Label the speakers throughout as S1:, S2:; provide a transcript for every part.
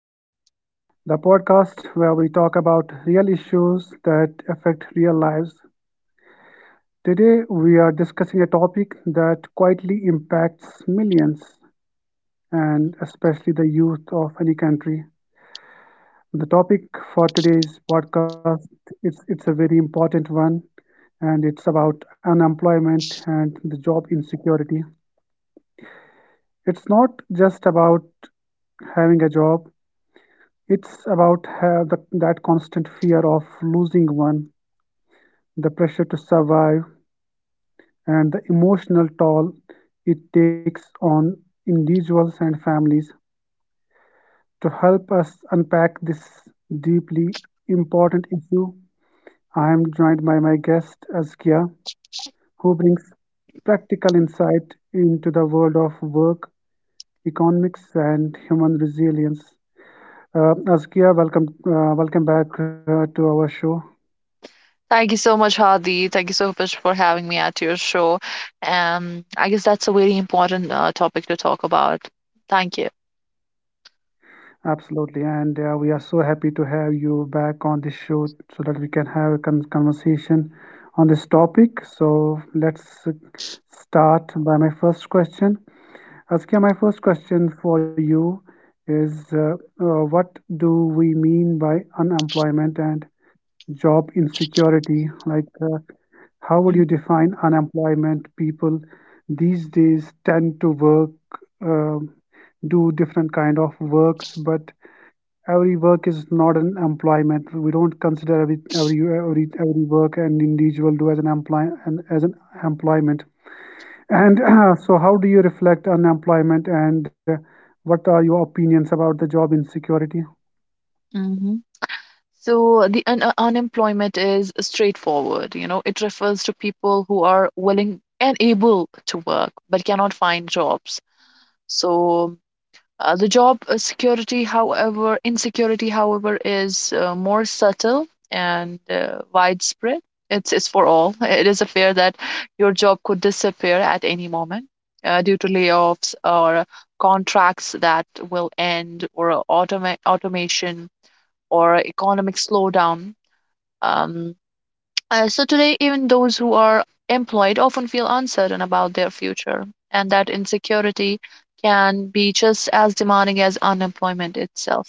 S1: Uh, the podcast where we talk about real issues that affect real lives. Today we are discussing a topic that quietly impacts millions, and especially the youth of any country. The topic for today's podcast, it's a very important one, and it's about unemployment and the job insecurity. It's not just about having a job. It's about ha the, That constant of losing one, the pressure to survive, and the emotional toll it takes on individuals and families. To help us unpack this deeply important issue, I am joined by my guest, Azkia, who brings practical insight into the world of work, economics, and human resilience. Azkia, welcome, welcome back to our show.
S2: Thank you so much, Hadi. Thank you so much for having me at your show. I guess that's a very important topic to talk about. Thank you.
S1: Absolutely, and we are so happy to have you back on this show so that we can have a conversation on this topic. So let's start by my first question. Askia, my first question for you is what do we mean by unemployment and job insecurity? Like, how would you define unemployment? People these days tend to work, uh, do different kind of works, but every work is not an employment. We don't consider every work an individual do as an employ and as an employment. And so, how do you reflect on employment, and what are your opinions about the job insecurity?
S2: Mm-hmm. So the un unemployment is straightforward. You know, it refers to people who are willing and able to work but cannot find jobs. So the job insecurity, however, is more subtle and widespread. It's for all. It is a fear that your job could disappear at any moment due to layoffs, or contracts that will end, or automation, or economic slowdown. Um, so today, even those who are employed often feel uncertain about their future, and that insecurity can be just as demanding as unemployment itself,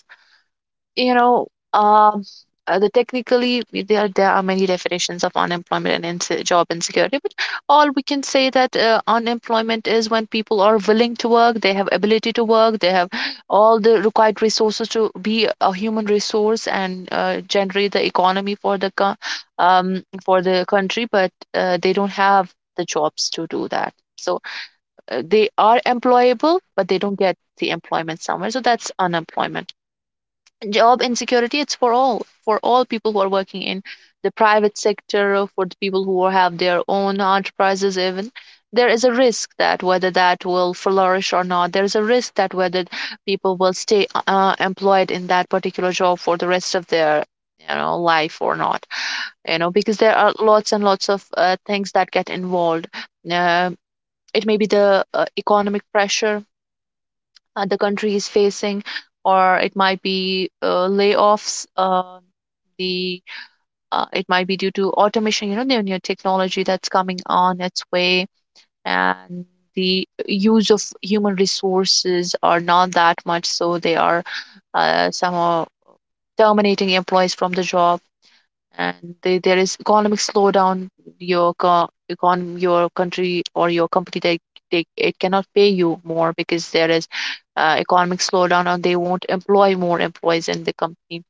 S2: you know. um the technically there are many definitions of unemployment and job insecurity, but all we can say that unemployment is when people are willing to work, they have ability to work, they have all the required resources to be a human resource and generate the economy for the for the country, but they don't have the jobs to do that. So they are employable, but they don't get the employment somewhere, so that's unemployment. Job insecurity, it's for all, for all people who are working in the private sector, for the people who have their own enterprises. Even there is a risk that whether that will flourish or not, there is a risk that whether people will stay employed in that particular job for the rest of their, you know, life or not, you know, because there are lots and lots of things that get involved. uh, it may be the economic pressure the country is facing, or it might be layoffs. The It might be due to automation, you know, the new technology that's coming on its way, and the use of human resources are not that much, so they are somehow terminating employees from the job. And there is economic slowdown. Your co- econ your country or your company, they, it cannot pay you more because there is economic slowdown, or they won't employ more employees in the company.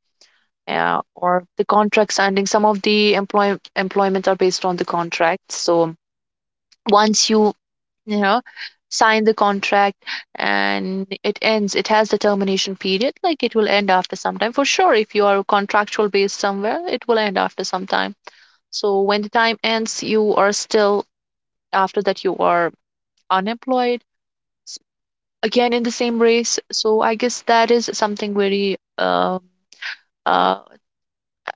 S2: Or the contracts ending, some of the employment are based on the contract. So once you, you know, sign the contract, and it ends, it has the termination period, like it will end after some time for sure. If you are contractual based somewhere, it will end after some time. So when the time ends, you are still, after that, you are unemployed, s- again in the same race. So I guess that is something very, uh,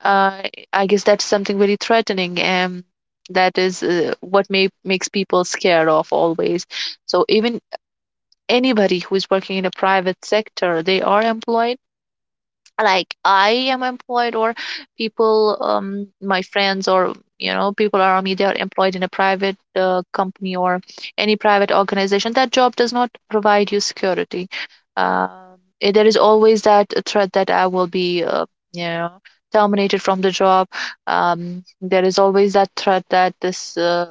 S2: uh, I guess that's something very threatening. And that is makes people scared of always. So even anybody who is working in a private sector, they are employed, like I am employed, or people, my friends, or you know, people around me, they are employed in a private company or any private organization. That job does not provide you security. Um, there is always that threat that I will be, you know, terminated from the job. There is always that threat that this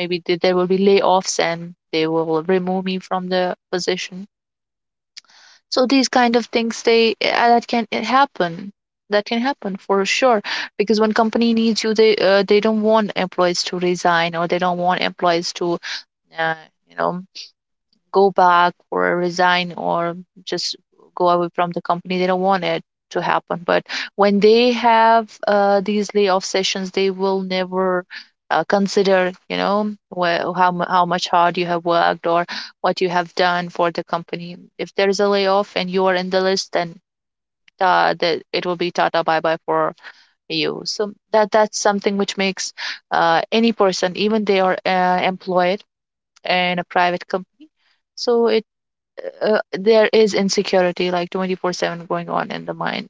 S2: maybe there will be layoffs and they will remove me from the position. So these kind of things, they that can happen. That can happen for sure, because when company needs you, they don't want employees to resign, or they don't want employees to uh, you know, go back or resign, or just go away from the company. They don't want it to happen. But when they have these layoff sessions, they will never consider, you know, how much hard you have worked, or what you have done for the company. If there is a layoff and you are in the list, then that it will be Tata bye bye for you. So that's something which makes any person, even they are employed in a private company. So it there is insecurity like 24/7 going on in the mind.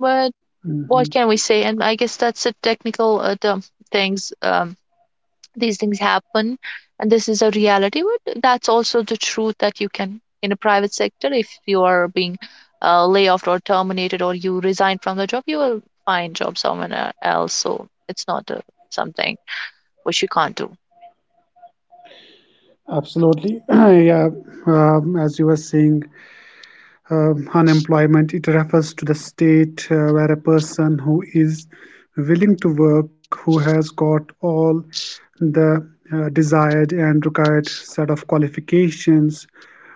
S2: But what can we
S1: Mhm.
S2: say? And I guess that's a technical term. Things, these things happen, and this is a reality. But that's also the truth that you can, in a private sector, if you are being laid off or terminated, or you resign from the job, you will find job somewhere else. So it's not something which you can't do.
S1: Absolutely. Yeah, as you were saying, unemployment, it refers to the state where a person who is willing to work, who has got all the desired and required set of qualifications,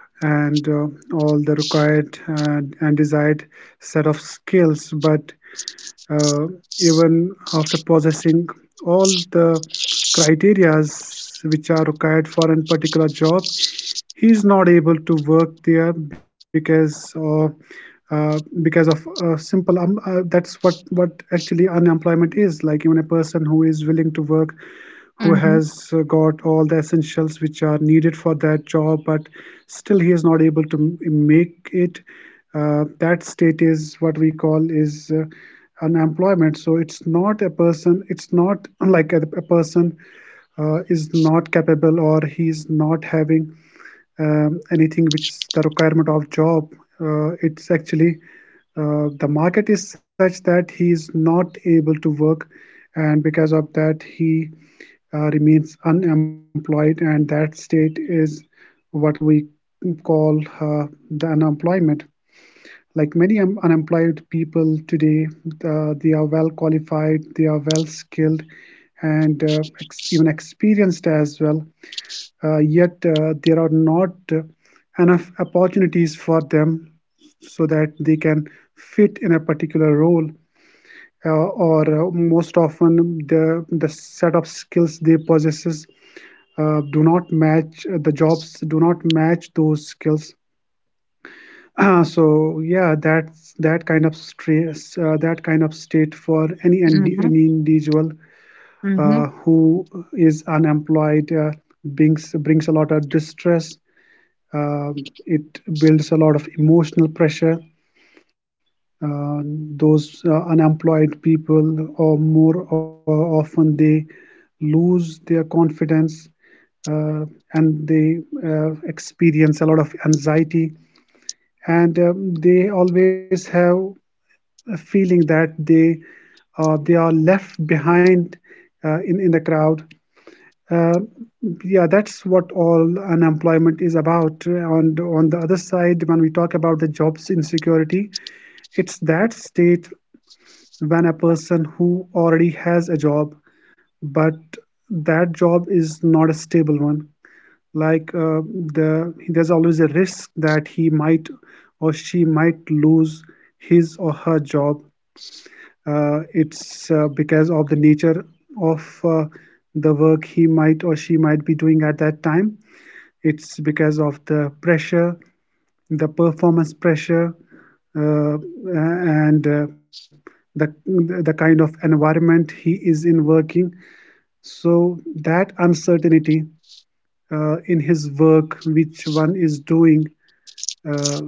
S1: and all the required and desired set of skills, but uh, even after possessing all the criterias which are required for a particular job, he is not able to work there because of simple that's what actually unemployment is, like even a person who is willing to work,
S2: Mm-hmm,
S1: who has got all the essentials which are needed for that job, but still he is not able to make it. That state is what we call is unemployment. So it's not a person. It's not like a person is not capable, or he's not having anything which is the requirement of job. It's actually the market is such that he is not able to work, and because of that he remains unemployed, and that state is what we call the unemployment. Like many unemployed people today, they are well qualified, they are well skilled, and even experienced as well. Yet there are not enough opportunities for them so that they can fit in a particular role, or most often the set of skills they possesses do not match, the jobs do not match those skills. So yeah, that's that kind of stress, that kind of state for
S2: mm-hmm,
S1: any individual
S2: mm-hmm,
S1: who is unemployed, brings a lot of distress. It builds a lot of emotional pressure. Uh, those unemployed people, or more or often, they lose their confidence, uh, and they experience a lot of anxiety. And they always have a feeling that they are left behind in the crowd. uh, yeah, that's what all unemployment is about. And on the other side, when we talk about the jobs insecurity, it's that state when a person who already has a job, but that job is not a stable one. Like uh, the there's always a risk that he might or she might lose his her job. It's because of the nature of the work he might or she might be doing at that time. It's because of the pressure, the performance pressure, uh, and the kind of environment he is in working. So that uncertainty in his work which one is doing, uh,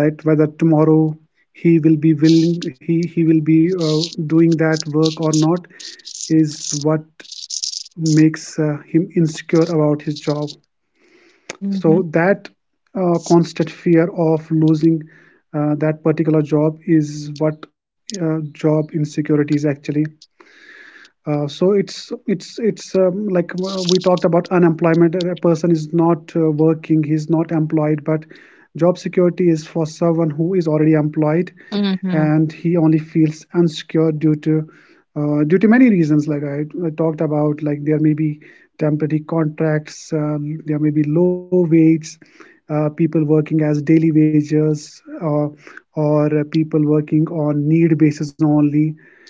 S1: that whether tomorrow he will be doing that work or not, is what makes him insecure about his job. So
S2: mm-hmm,
S1: that constant fear of losing that particular job is what job insecurity is actually. So it's it's like we talked about unemployment. A person is not working, he's not employed, but job security is for someone who is already employed,
S2: mm-hmm,
S1: and he only feels insecure due to many reasons. I talked about, like there may be temporary contracts, there may be low wages, people working as daily wages, or people working on need basis only,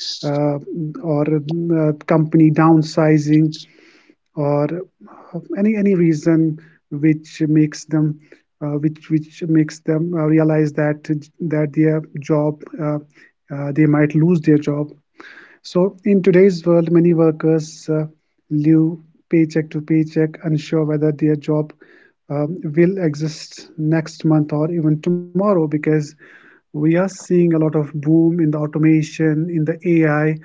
S1: uh, or company downsizing, or any reason which makes them which makes them realize that their job they might lose their job. So, in today's world, many workers live paycheck to paycheck, unsure whether their job will exist next month or even tomorrow, because we are seeing a lot of boom in the automation, in the AI,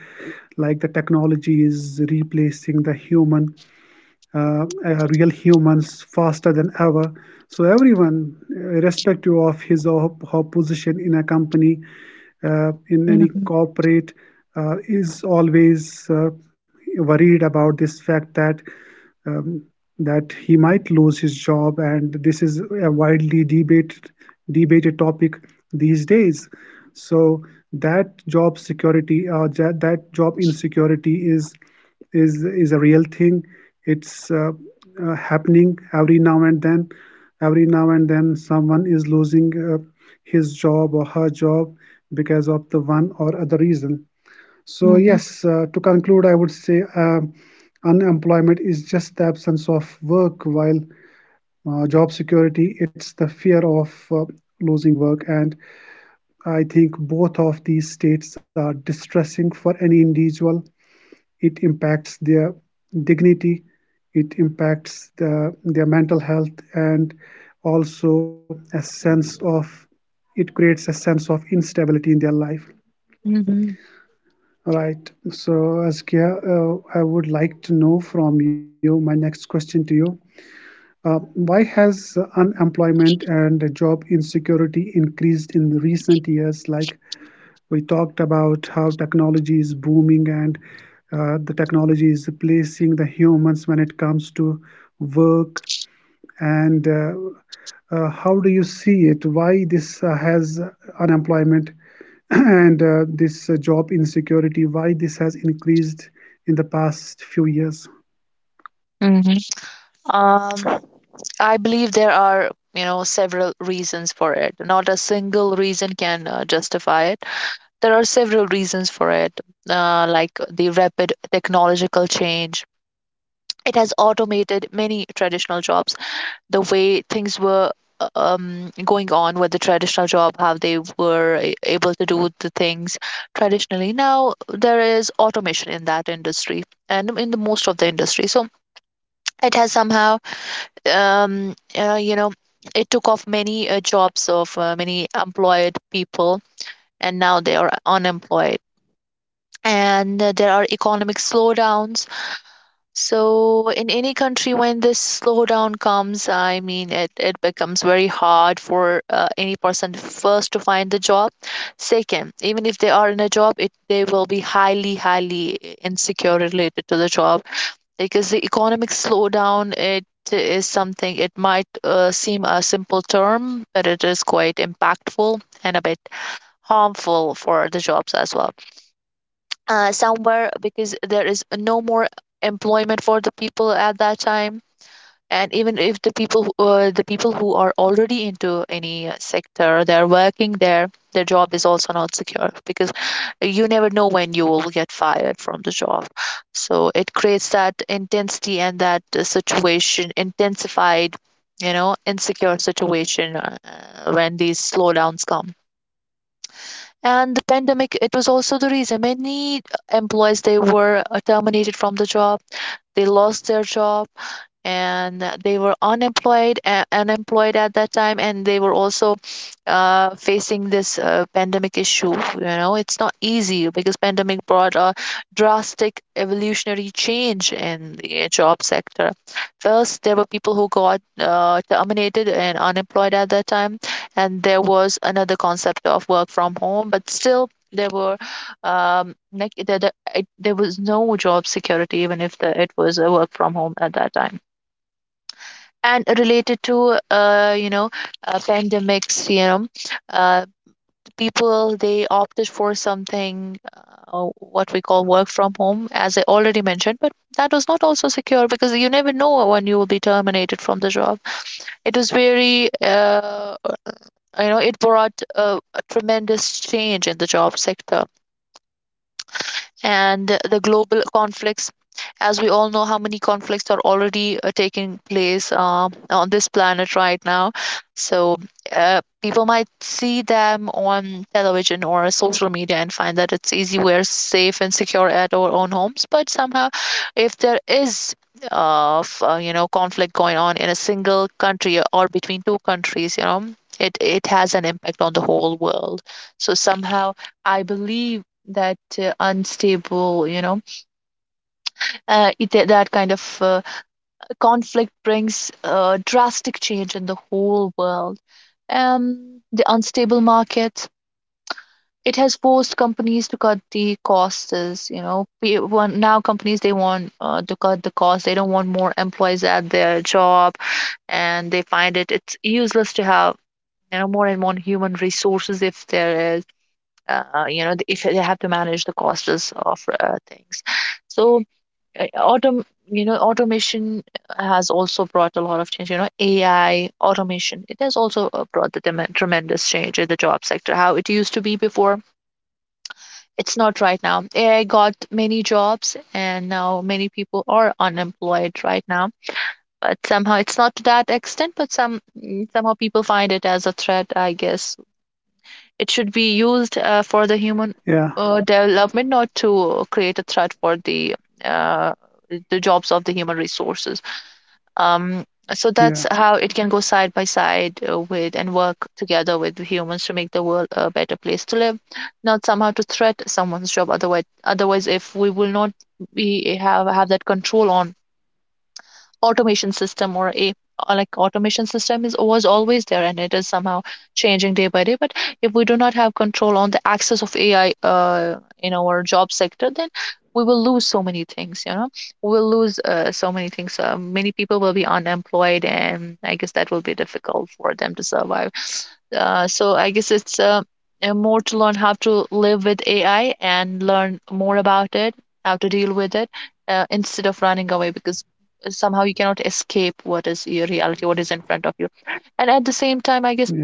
S1: like the technology is replacing the human real humans faster than ever. So everyone, irrespective of his or her position in a company, in any
S2: mm-hmm,
S1: corporate, is always worried about this fact that um, that he might lose his job, and this is a widely debated topic these days. So that job security, that job insecurity is is a real thing. It's happening every now and then. Every now and then, someone is losing his job or her job because of the one or other reason. So yes, to conclude, I would say unemployment is just the absence of work, while job security, it's the fear of losing work. And I think both of these states are distressing for any individual. It impacts their dignity, it impacts their mental health, and also a sense of, it creates a sense of instability in their life.
S2: mm-hmm,
S1: Right? So Askia, I would like to know from you, my next question to you, uh, why has unemployment and job insecurity increased in recent years? Like, we talked about how technology is booming and the technology is replacing the humans when it comes to work. And how do you see it? Why this has unemployment and this job insecurity, why this has increased in the past few years?
S2: mm-hmm. Um, I believe there are, you know, several reasons for it. Not a single reason can justify it. There are several reasons for it, like the rapid technological change. It has automated many traditional jobs. The way things were going on with the traditional job, how they were able to do the things traditionally. Now there is automation in that industry and in the most of the industry. So it has somehow you know, it took off many jobs of many employed people, and now they are unemployed. And there are economic slowdowns. So in any country, when this slowdown comes, I mean, it becomes very hard for any person first to find the job. Second, even if they are in a job, it they will be highly, highly insecure related to the job, because the economic slowdown, it is something, it might seem a simple term, but it is quite impactful and a bit harmful for the jobs as well somewhere, because there is no more employment for the people at that time. And even if the people who, the people who are already into any sector, they're working there, their job is also not secure, because you never know when you will get fired from the job. So it creates that intensity, and that situation intensified, you know, insecure situation when these slowdowns come. And the pandemic, it was also the reason many employees, they were terminated from the job, they lost their job, and they were unemployed at that time, and they were also facing this pandemic issue. You know, it's not easy, because pandemic brought a drastic evolutionary change in the job sector. First, there were people who got terminated and unemployed at that time, and there was another concept of work from home, but still there were, like there was no job security even if the, it was a work from home at that time. And related to, you know, pandemics, you know, uh, people, they opted for something, what we call work from home, as I already mentioned, but that was not also secure, because you never know when you will be terminated from the job. It was very, you know, it brought a tremendous change in the job sector. And the global conflicts, as we all know, how many conflicts are already taking place on this planet right now. So people might see them on television or social media and find that it's easy, we're safe and secure at our own homes. But somehow, if there is of you know, conflict going on in a single country or between two countries, you know, it has an impact on the whole world. So somehow, I believe that unstable, you know, that that kind of conflict brings drastic change in the whole world. The unstable market, it has forced companies to cut the costs. You know, Pe- one now companies, they want to cut the cost, they don't want more employees at their job. And they find it's useless to have, you know, more and more human resources if there is, you know, if they have to manage the costs of things. So autom you know, automation, has also brought a lot of change. You know, AI automation, it has also brought the dem tremendous change in the job sector, how it used to be before. It's not right now. AI got many jobs, and now many people are unemployed right now. But somehow it's not to that extent, but somehow people find it as a threat, I guess. It should be used for the human
S1: Yeah,
S2: development, not to create a threat for the uh, the jobs of the human resources. Um, so that's
S1: yeah,
S2: how it can go side by side with and work together with humans to make the world a better place to live, not somehow to threat someone's job. Otherwise, if we will not we have that control on automation system or a like automation system is was always there and it is somehow changing day by day, but if we do not have control on the access of ai in our job sector, then we will lose so many things, we will lose so many things. Many people will be unemployed and I guess that will be difficult for them to survive. So I guess it's more to learn how to live with ai and learn more about it, how to deal with it, instead of running away, because somehow you cannot escape what is your reality, what is in front of you. And at the same time, I guess
S1: yeah,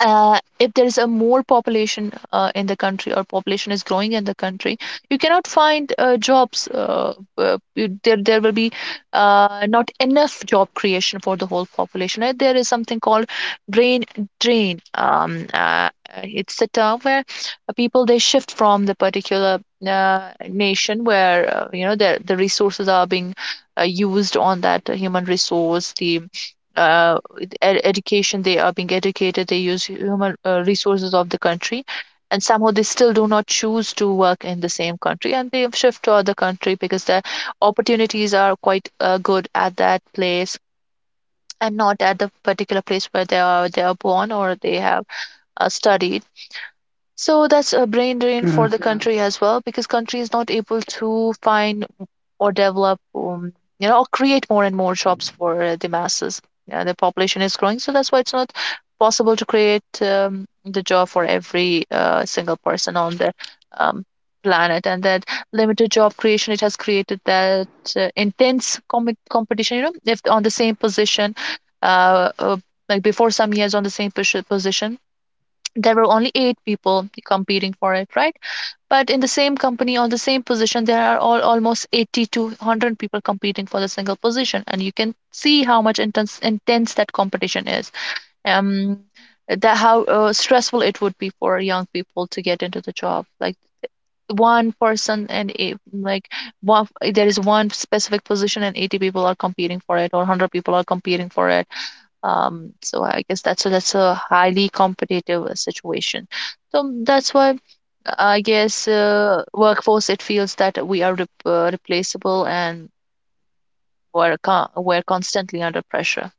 S2: if there is a more population in the country, or population is growing in the country, you cannot find jobs. There will be not enough job creation for the whole population. There is something called brain drain. It's a term where people they shift from the particular uh, nation where, you know, the resources are being used on that human resource, the uh, education. They are being educated, they use human resources of the country, and somehow they still do not choose to work in the same country and they shift to other country, because the opportunities are quite good at that place, and not at the particular place where they are born, or they have studied. So that's a brain drain for the
S1: yeah.
S2: yeah country as well, because country is not able to find or develop, you know, or create more and more jobs for the masses. Yeah, the population is growing, so that's why it's not possible to create the job for every single person on the um, planet. And that limited job creation, it has created that intense competition. You know, if on the same position, uh, uh, like before some years, on the same position there were only 8 people competing for it, right? But in the same company, on the same position, there are all almost 80 to 100 people competing for the single position, and you can see how much intense that competition is. um that how stressful it would be for young people to get into the job. Like one person and a, like one, there is one specific position and 80 people are competing for it, or 100 people are competing for it. So I guess that's a highly competitive situation. So, that's why I guess workforce, it feels that we are replaceable, and we're constantly under pressure.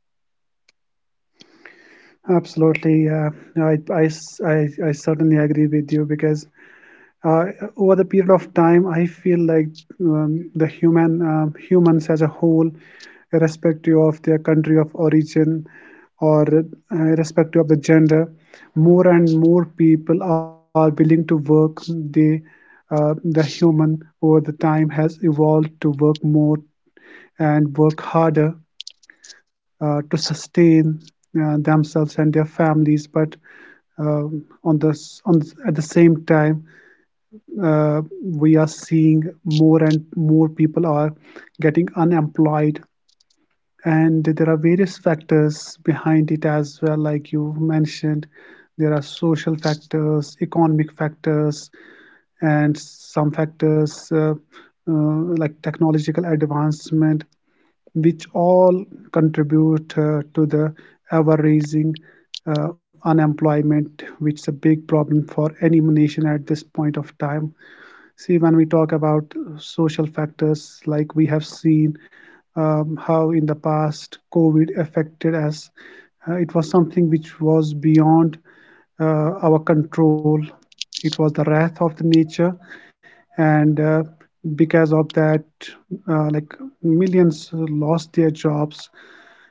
S1: Absolutely. Yeah, I I, I certainly agree with you, because uh, over the period of time, I feel like the humans as a whole, irrespective of their country of origin, or irrespective of the gender, more and more people are willing to work. The human over the time has evolved to work more and work harder to sustain themselves and their families, but on the s- on s- at the same time we are seeing more and more people are getting unemployed, and there are various factors behind it as well. Like you mentioned, there are social factors, economic factors, and some factors like technological advancement, which all contribute to the ever rising unemployment, which is a big problem for any nation at this point of time. See, when we talk about social factors, like we have seen how in the past COVID affected us, it was something which was beyond our control. It was the wrath of the nature, and because of that, like millions lost their jobs,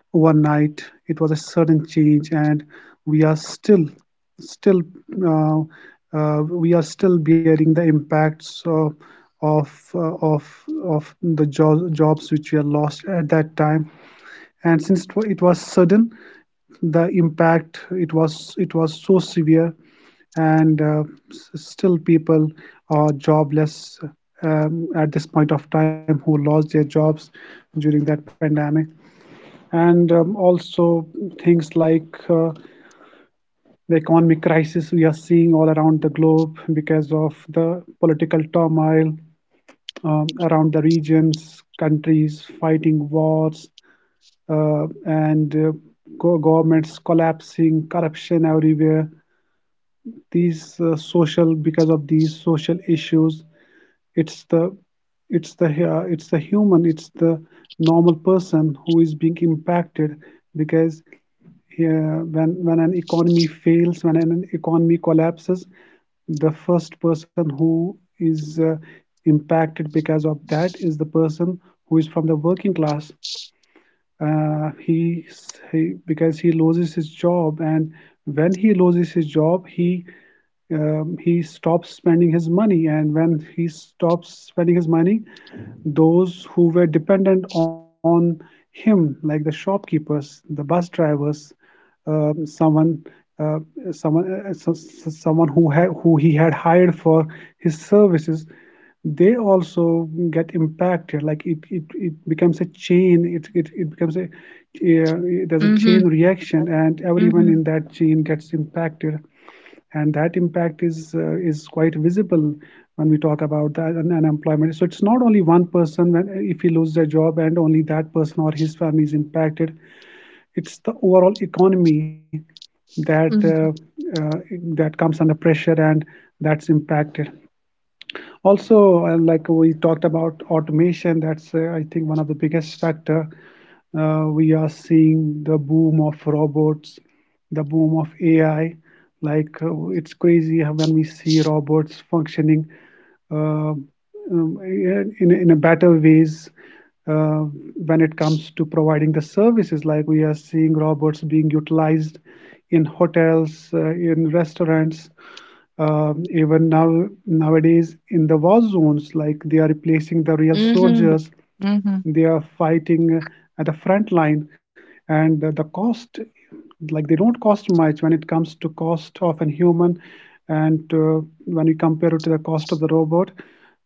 S1: overnight. It was a sudden change, and we are still still uh, we are still bearing the impacts of of the jobs which were lost at that time. And since it was sudden, the impact, it was so severe, and still people are jobless at this point of time, who lost their jobs during that pandemic. And also things like the economic crisis we are seeing all around the globe because of the political turmoil around the regions, countries fighting wars, and governments collapsing, corruption everywhere. These social, because of these social issues, It's the it's the human, it's the normal person who is being impacted because when an economy fails, when an economy collapses, the first person who is impacted because of that is the person who is from the working class uh, he, he because he loses his job, and when he loses his job, he stops spending his money, and when he stops spending his money, those who were dependent on him like the shopkeepers, the bus drivers, um, someone uh, someone who had who he had hired for his services, they also get impacted. Like it becomes a chain, it becomes a there's a chain
S2: Mm-hmm.
S1: reaction, and everyone
S2: Mm-hmm.
S1: in that chain gets impacted. And that impact is quite visible when we talk about that unemployment. So it's not only one person, when if he loses a job, and only that person or his family is impacted, it's the overall economy that
S2: mm
S1: uh, that comes under pressure and that's impacted. Also, like we talked about automation, that's I think one of the biggest factor. We are seeing the boom of robots, the boom of AI. Like it's crazy when we see robots functioning uh, in a better ways uh, when it comes to providing the services. Like we are seeing robots being utilized in hotels, in restaurants, even now nowadays in the war zones, like they are replacing the real
S2: Mm-hmm.
S1: soldiers.
S2: Mm-hmm.
S1: They are fighting at the front line. And the cost, like they don't cost much when it comes to cost of a human, and when you compare it to the cost of the robot,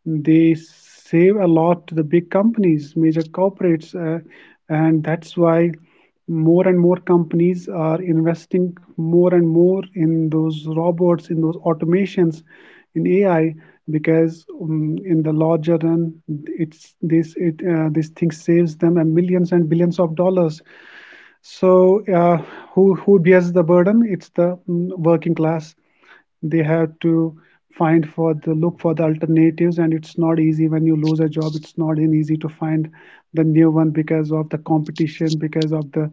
S1: they save a lot to the big companies, major corporates, and that's why more and more companies are investing more and more in those robots, in those automations, in AI, because in the larger run, it's this it this thing saves them and millions and billions of dollars. So who bears the burden? It's the working class. They have to find for the look for the alternatives, and it's not easy. When you lose a job, it's not an easy to find the new one, because of the competition, because of the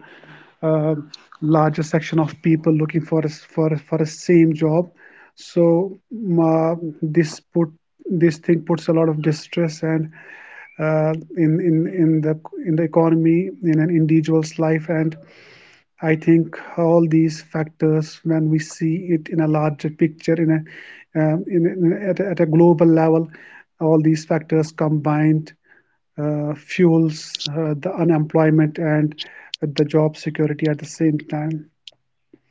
S1: uh, larger section of people looking for a, s- for a same job. So um, uh, this put this thing puts a lot of distress, and uh, in in in the in the economy, in an individual's life. And I think all these factors, when we see it in a larger picture, in a, at a global level, all these factors combined fuels the unemployment and the job security at the same time.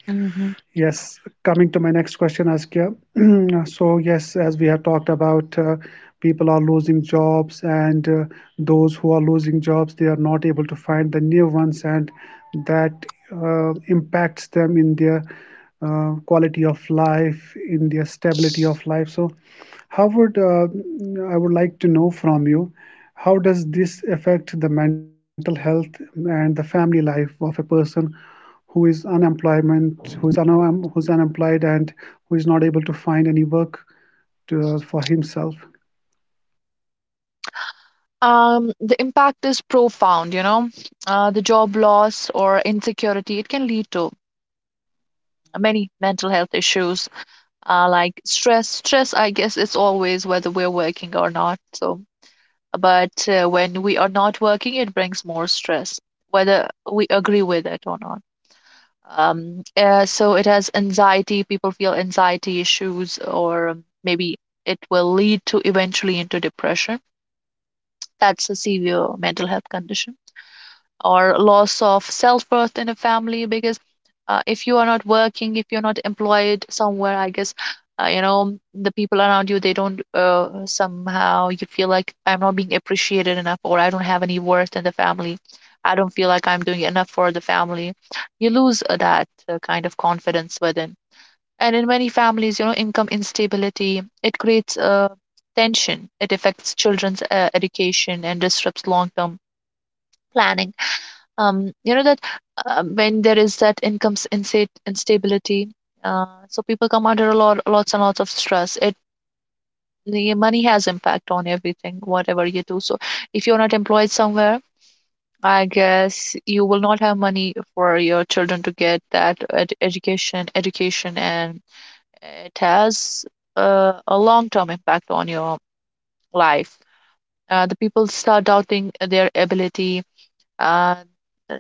S2: Mm-hmm.
S1: Yes, coming to my next question, Askia. So, yes, as we have talked about, people are losing jobs, and those who are losing jobs, they are not able to find the new ones, and that impacts them in their quality of life, in their stability of life. So, how would I would like to know from you, how does this affect the mental health and the family life of a person who is who's unemployed and who is not able to find any work to, for himself?
S2: The impact is profound, you know. The job loss or insecurity, it can lead to many mental health issues, like stress. Stress, I guess, it's always whether we're working or not. So, but when we are not working, it brings more stress, whether we agree with it or not. So it has anxiety. People feel anxiety issues, or maybe it will lead to eventually into depression. That's a severe mental health condition, or loss of self worth in a family, because if you are not working, if you're not employed somewhere, I guess you know the people around you, they don't, somehow you feel like I'm not being appreciated enough, or I don't have any worth in the family. I don't feel like I'm doing enough for the family. You lose that kind of confidence within. And in many families, you know, income instability, it creates tension. It affects children's education and disrupts long-term planning. You know that, when there is that instability, so people come under a lot lots and lots of stress. It, the money has impact on everything, whatever you do. So if you're not employed somewhere, I guess you will not have money for your children to get that education, and it has a long-term impact on your life. The people start doubting their ability, uh,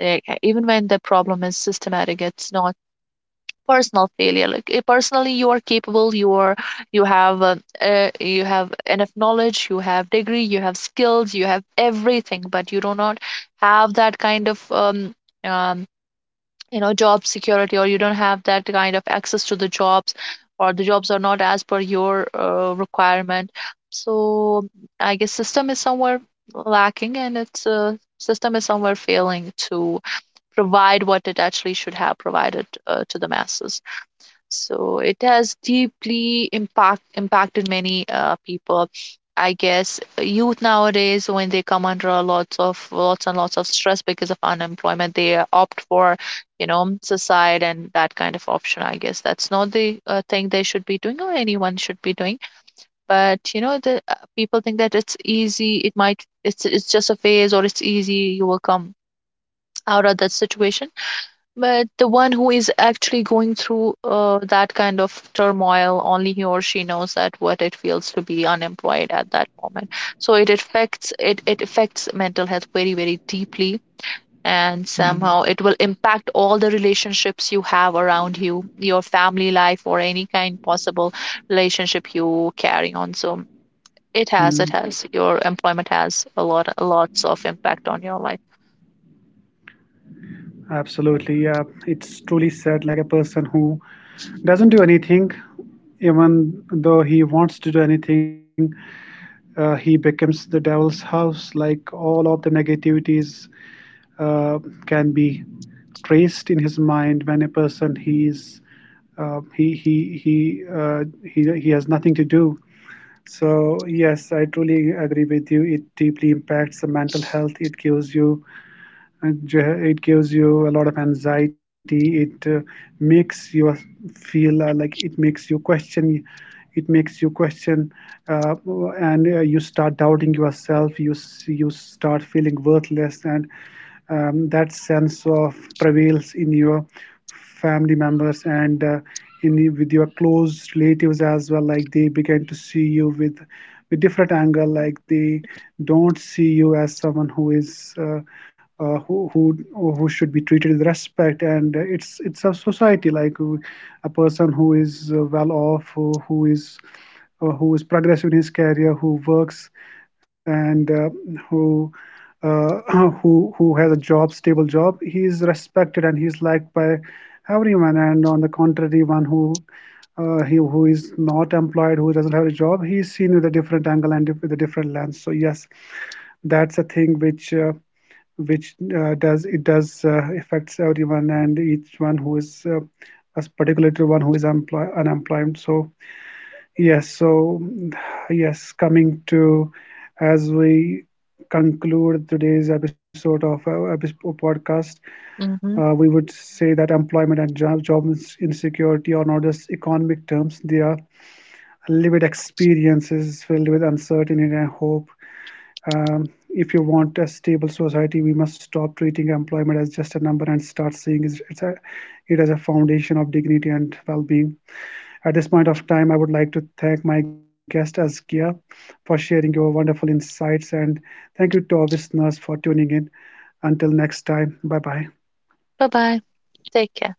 S2: even when the problem is systematic, it's not personal failure. Like personally you are capable, you are, you have enough knowledge, you have degree, you have skills, you have everything, but you do not have that kind of um, you know, job security, or you don't have that kind of access to the jobs, or the jobs are not as per your requirement. So I guess system is somewhere lacking, and it's system is somewhere failing to provide what it actually should have provided, to the masses. So it has deeply impacted many people. I guess youth nowadays, when they come under lots and lots of stress because of unemployment, they opt for, you know, suicide and that kind of option. I guess that's not the thing they should be doing, or anyone should be doing. But you know, the people think that it's easy. It might, it's just a phase, or it's easy. You will come out of that situation, but the one who is actually going through that kind of turmoil, only he or she knows that what it feels to be unemployed at that moment. So it affects mental health very, very deeply. And somehow it will impact all the relationships you have around you, your family life, or any kind possible relationship you carry on. So it
S1: Mhm.
S2: has, your employment has lots of impact on your life.
S1: Absolutely, yeah. It's truly sad, like a person who doesn't do anything, even though he wants to do anything, he becomes the devil's house. Like all of the negativities uh, can be traced in his mind. When a person he's he has nothing to do, so yes, I truly agree with you, it deeply impacts the mental health. It gives you it gives you a lot of anxiety. It makes you feel like it makes you question uh, and you start doubting yourself. You start feeling worthless, and that sense of prevails in you, family members, and in the, with your close relatives as well. Like they begin to see you with different angle. Like they don't see you as someone who is uh, who, who who should be treated with respect. And it's a society. Like a person who is well off, who is progressive in his career, who works, and who uh, who has a job, stable job, he is respected and he is liked by everyone. And on the contrary, one who he who is not employed, who doesn't have a job, he is seen with a different angle and with a different lens. So yes, that's a thing which. Which does affects everyone and each one who is as particular one who is employ unemployed. So yes, so yes, coming to, as we conclude today's episode of our podcast,
S2: Hmm.
S1: we would say that employment and job, insecurity are not just economic terms, they are lived experiences filled with uncertainty and hope. If you want a stable society, we must stop treating employment as just a number and start seeing it as a foundation of dignity and well being. At this point of time, I would like to thank my guest Askia for sharing your wonderful insights, and thank you to our listeners for tuning in. Until next time, bye bye.
S2: Bye bye. Take care.